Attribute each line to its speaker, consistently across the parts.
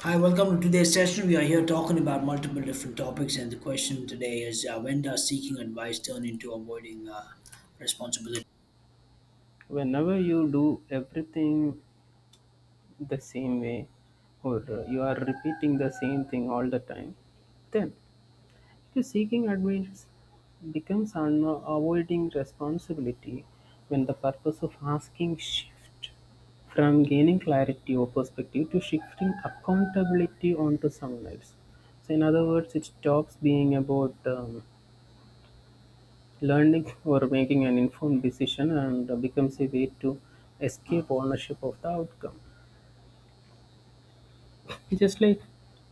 Speaker 1: Hi, welcome to today's session. We are here talking about multiple different topics, and the question today is, when does seeking advice turn into avoiding responsibility?
Speaker 2: Whenever you do everything the same way or you are repeating the same thing all the time, then you seeking advice becomes an avoiding responsibility when the purpose of asking shift from gaining clarity or perspective to shifting accountability onto someone else. So, in other words, it stops being about learning or making an informed decision and becomes a way to escape ownership of the outcome. It's just like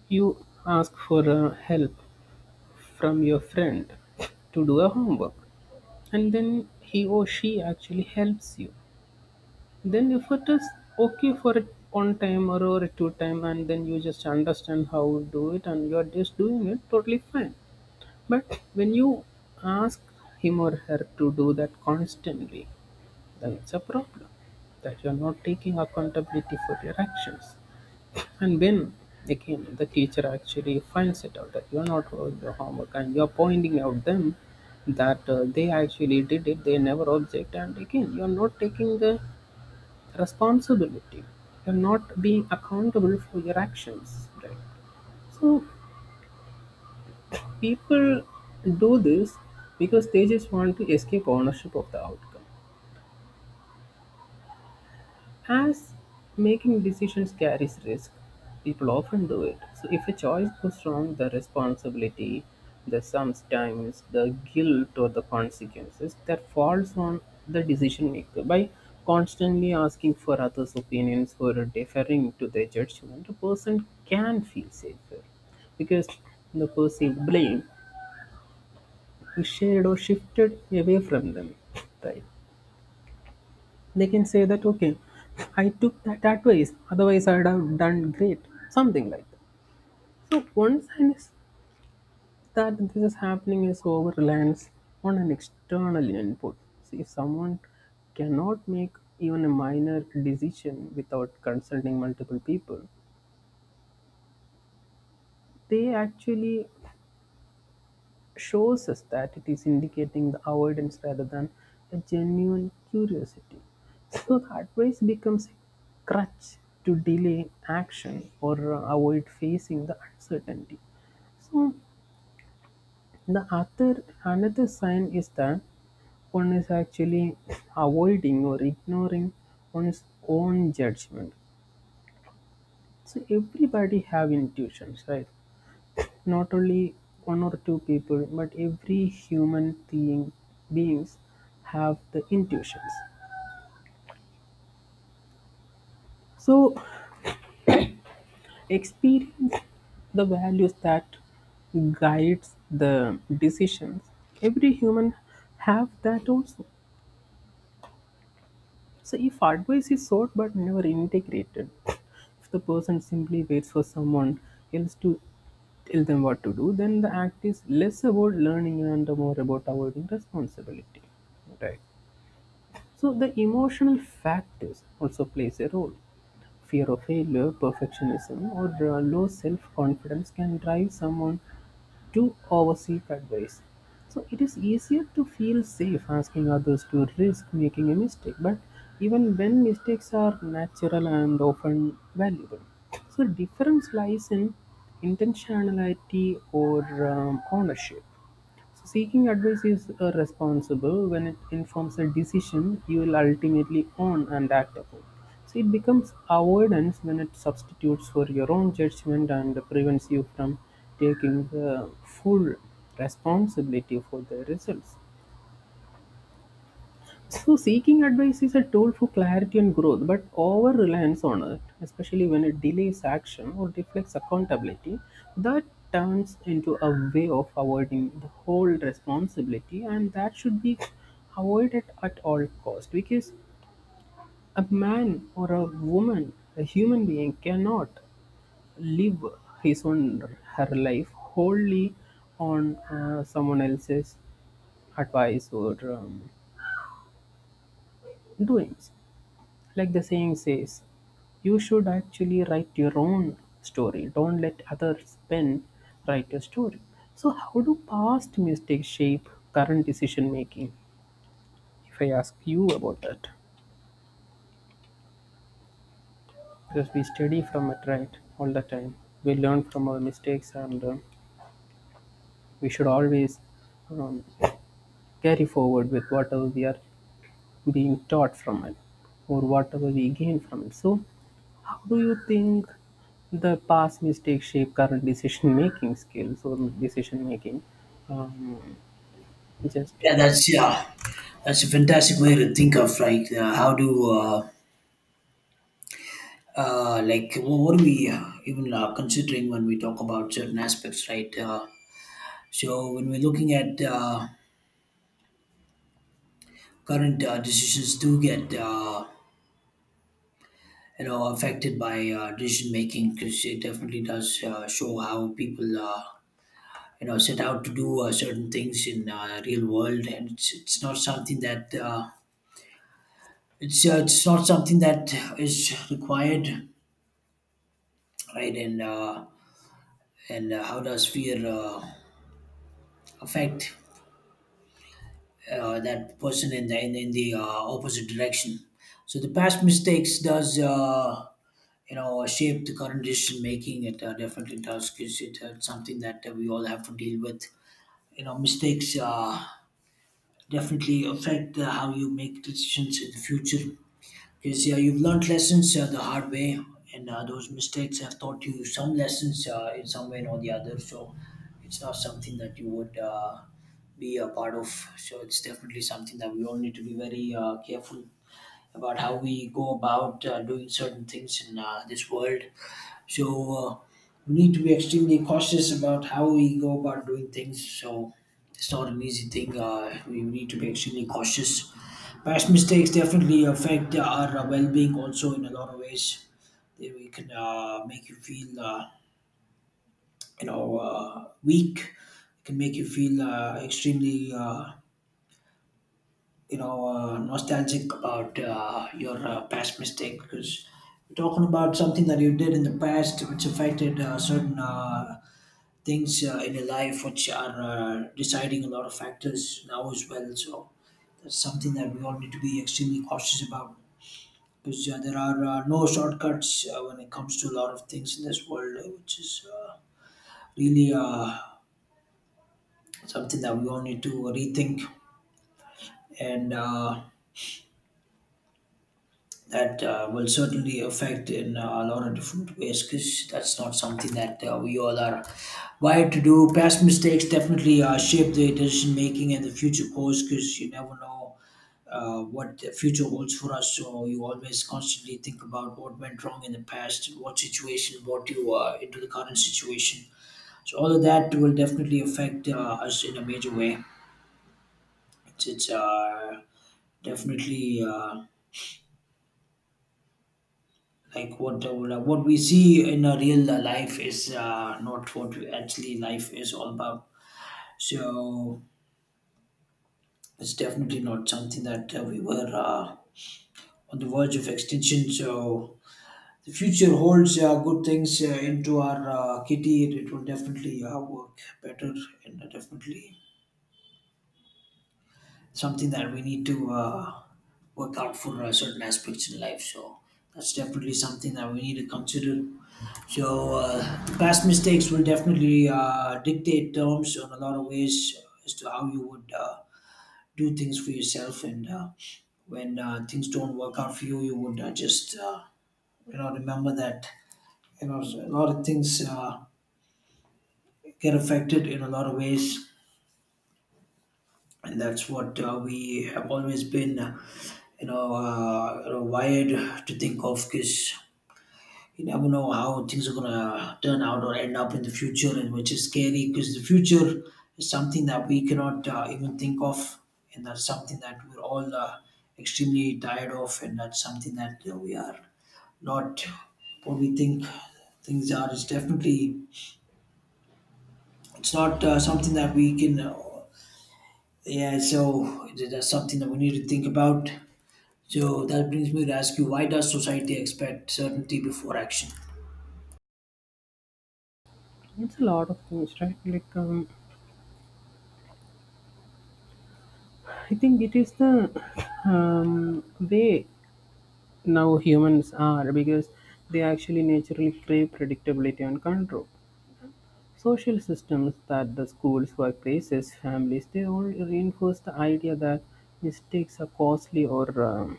Speaker 2: you ask for help from your friend to do a homework, and then he or she actually helps you. Then if it is okay for it one time or two time, and then you just understand how to do it, and you are just doing it totally fine. But when you ask him or her to do that constantly, then it's a problem that you are not taking accountability for your actions. And when again the teacher actually finds it out that you're not doing your homework and you're pointing out them that they actually did it, they never object, and again you're not taking the responsibility, you're not being accountable for your actions, right? So people do this because they just want to escape ownership of the outcome. As making decisions carries risk, people often do it. So if a choice goes wrong, the responsibility, the sometimes the guilt or the consequences that falls on the decision maker by constantly asking for others' opinions or deferring to their judgment, a person can feel safer because the perceived blame is shared or shifted away from them. Right, they can say that, okay, I took that advice, otherwise I'd have done great, something like that. So one sign is that this is happening is over reliance on an external input. See, if someone cannot make even a minor decision without consulting multiple people, they actually shows us that it is indicating the avoidance rather than a genuine curiosity. So the advice becomes a crutch to delay action or avoid facing the uncertainty. So the other another sign is that one is actually avoiding or ignoring one's own judgment. So everybody have intuitions, right? Not only one or two people, but every human being beings have the intuitions. So experience the values that guides the decisions. Every human have that also. So if advice is sought but never integrated, if the person simply waits for someone else to tell them what to do, then the act is less about learning and more about avoiding responsibility. So the emotional factors also plays a role. Fear of failure, perfectionism, or low self-confidence can drive someone to overseek advice. So it is easier to feel safe asking others to risk making a mistake, but even when mistakes are natural and often valuable. So difference lies in intentionality or ownership. So seeking advice is responsible when it informs a decision you will ultimately own and act upon. So it becomes avoidance when it substitutes for your own judgment and prevents you from taking the full responsibility for the results. So, seeking advice is a tool for clarity and growth, but over reliance on it, especially when it delays action or deflects accountability, that turns into a way of avoiding the whole responsibility, and that should be avoided at all cost because a man or a woman, a human being, cannot live his own her life wholly on someone else's advice or doings. Like the saying says, you should actually write your own story. Don't let others' pen write your story. So, how do past mistakes shape current decision making? If I ask you about that, because we study from it, right, all the time. We learn from our mistakes, and we should always um, carry forward with whatever we are being taught from it or whatever we gain from it. So, how do you think the past mistakes shape current decision making skills or decision making? Um, just
Speaker 1: Yeah, that's a fantastic way to think of, like, how do like wh- what are we even considering when we talk about certain aspects, right? So when we're looking at current decisions, do get you know affected by decision making, because it definitely does show how people. You know, set out to do certain things in real world, and it's not something that it's not something that is required, right? And how does fear affect that person in the opposite direction? So the past mistakes does, you know, shape the current decision making. It definitely does, because it's something that we all have to deal with. You know, mistakes definitely affect how you make decisions in the future, because yeah, you've learned lessons the hard way, and those mistakes have taught you some lessons in some way or the other. So it's not something that you would be a part of. So it's definitely something that we all need to be very careful about how we go about doing certain things in this world. So we need to be extremely cautious about how we go about doing things. So it's not an easy thing. We need to be extremely cautious. Past mistakes definitely affect our well-being also in a lot of ways. They we can make you feel, you know, weak. It can make you feel extremely, you know, nostalgic about your past mistake, because you're talking about something that you did in the past which affected certain things in your life, which are deciding a lot of factors now as well. So that's something that we all need to be extremely cautious about, because there are no shortcuts when it comes to a lot of things in this world, which is really something that we all need to rethink, and that will certainly affect in a lot of different ways, because that's not something that we all are wired to do. Past mistakes definitely shape the decision making and the future course, because you never know what the future holds for us. So you always constantly think about what went wrong in the past, what situation brought you into the current situation. So all of that will definitely affect us in a major way. It's definitely. Like what What we see in a real life is not what we actually life is all about. So it's definitely not something that we were on the verge of extinction. So the future holds good things into our kitty. It will definitely work better, and definitely something that we need to work out for certain aspects in life. So that's definitely something that we need to consider. So past mistakes will definitely dictate terms in a lot of ways as to how you would do things for yourself. And when things don't work out for you, you would just you know, remember that, you know, a lot of things get affected in a lot of ways, and that's what we have always been you know, wired to think of. Because you never know how things are gonna turn out or end up in the future, and which is scary, because the future is something that we cannot even think of, and that's something that we're all extremely tired of, and that's something that we are not what we think things are. It's not something that we can. Yeah, so that's something that we need to think about. So that brings me to ask you, why does society expect certainty before action?
Speaker 2: it's a lot of things, right? Like, I think it is the way now humans are because they actually naturally crave predictability and control. Social systems that the schools, workplaces, families, they all reinforce the idea that mistakes are costly or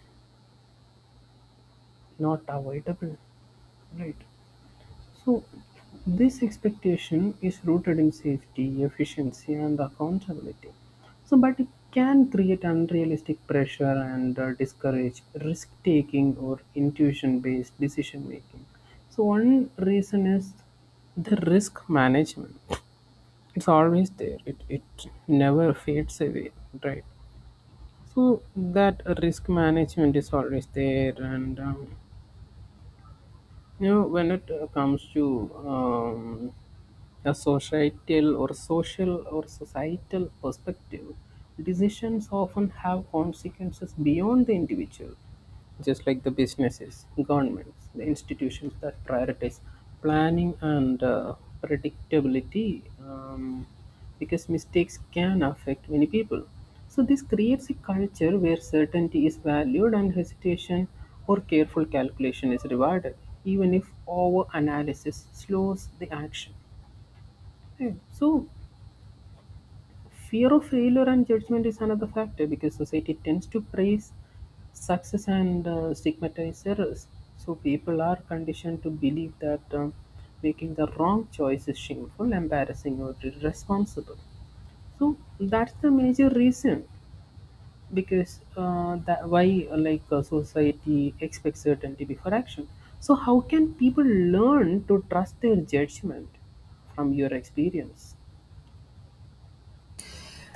Speaker 2: not avoidable. Right. So, this expectation is rooted in safety, efficiency, and accountability. So, but it can create unrealistic pressure and discourage risk taking or intuition based decision making. So, one reason is the risk management. It's always there, it never fades away, right? So that risk management is always there, and you know, when it comes to a societal or social or societal perspective, decisions often have consequences beyond the individual, just like the businesses, governments, the institutions that prioritize planning and predictability. Because mistakes can affect many people. So, this creates a culture where certainty is valued and hesitation or careful calculation is rewarded, even if over analysis slows the action. Yeah. So, fear of failure and judgment is another factor because society tends to praise success and stigmatize errors. So, people are conditioned to believe that making the wrong choice is shameful, embarrassing, or irresponsible. So that's the major reason because that why society expects certainty before action. So how can people learn to trust their judgment from your experience?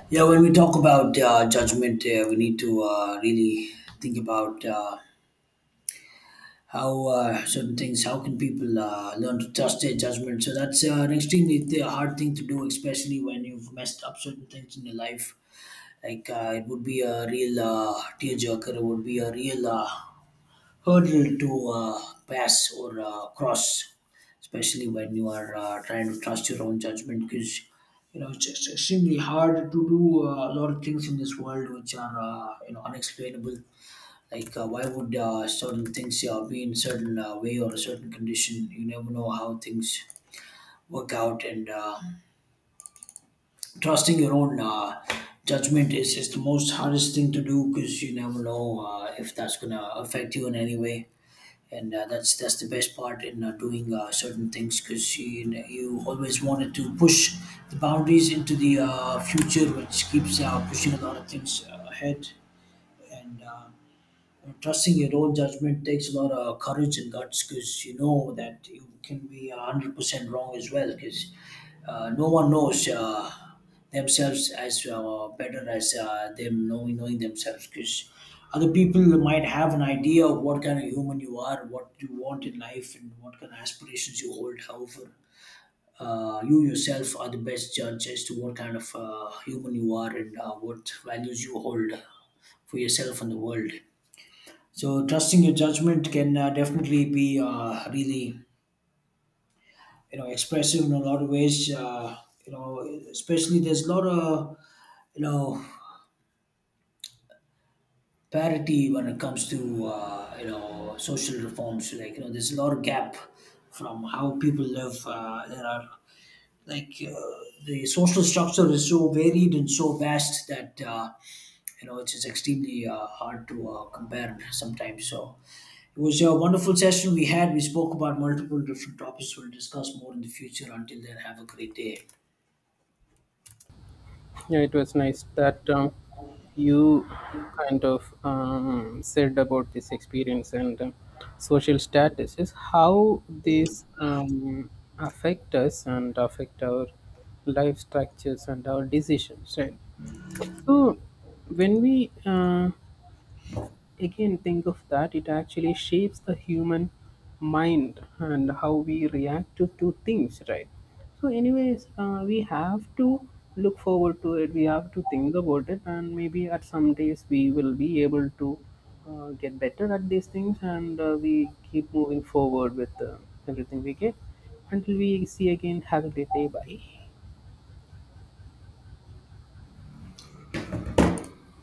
Speaker 1: Yeah, when we talk about judgment, we need to really think about how certain things, how can people learn to trust their judgment? So that's an extremely hard thing to do, especially when you've messed up certain things in your life. Like, it would be a real tearjerker, it would be a real hurdle to pass or cross, especially when you are trying to trust your own judgment. Because you know, it's just extremely hard to do a lot of things in this world which are, you know, unexplainable. Like, why would certain things be in certain way or a certain condition? You never know how things work out, and trusting your own judgment is the most hardest thing to do, because you never know if that's gonna affect you in any way, and that's that's the best part in doing certain things, because you always wanted to push the boundaries into the future, which keeps pushing a lot of things ahead and trusting your own judgment takes a lot of courage and guts, because you know that you can be 100% wrong as well, because no one knows themselves as better as them knowing themselves, because other people might have an idea of what kind of human you are, what you want in life, and what kind of aspirations you hold. However, you yourself are the best judge as to what kind of human you are, and what values you hold for yourself and the world. So trusting your judgment can definitely be really, you know, expressive in a lot of ways. You know, especially there's a lot of, you know, parity when it comes to, you know, social reforms. Like, you know, there's a lot of gap from how people live. There are like, the social structure is so varied and so vast that, you know, it's extremely hard to compare sometimes. So it was a wonderful session. We had, we spoke about multiple different topics. We'll discuss more in the future. Until then, have a great day.
Speaker 2: Yeah, it was nice that you kind of said about this experience and social status is how these affect us and affect our life structures and our decisions, right? So, when we again think of that, it actually shapes the human mind and how we react to things, right? So, anyways, we have to look forward to it, we have to think about it, and maybe at some days we will be able to get better at these things and we keep moving forward with everything we get. Until we see again, have a great day. Bye.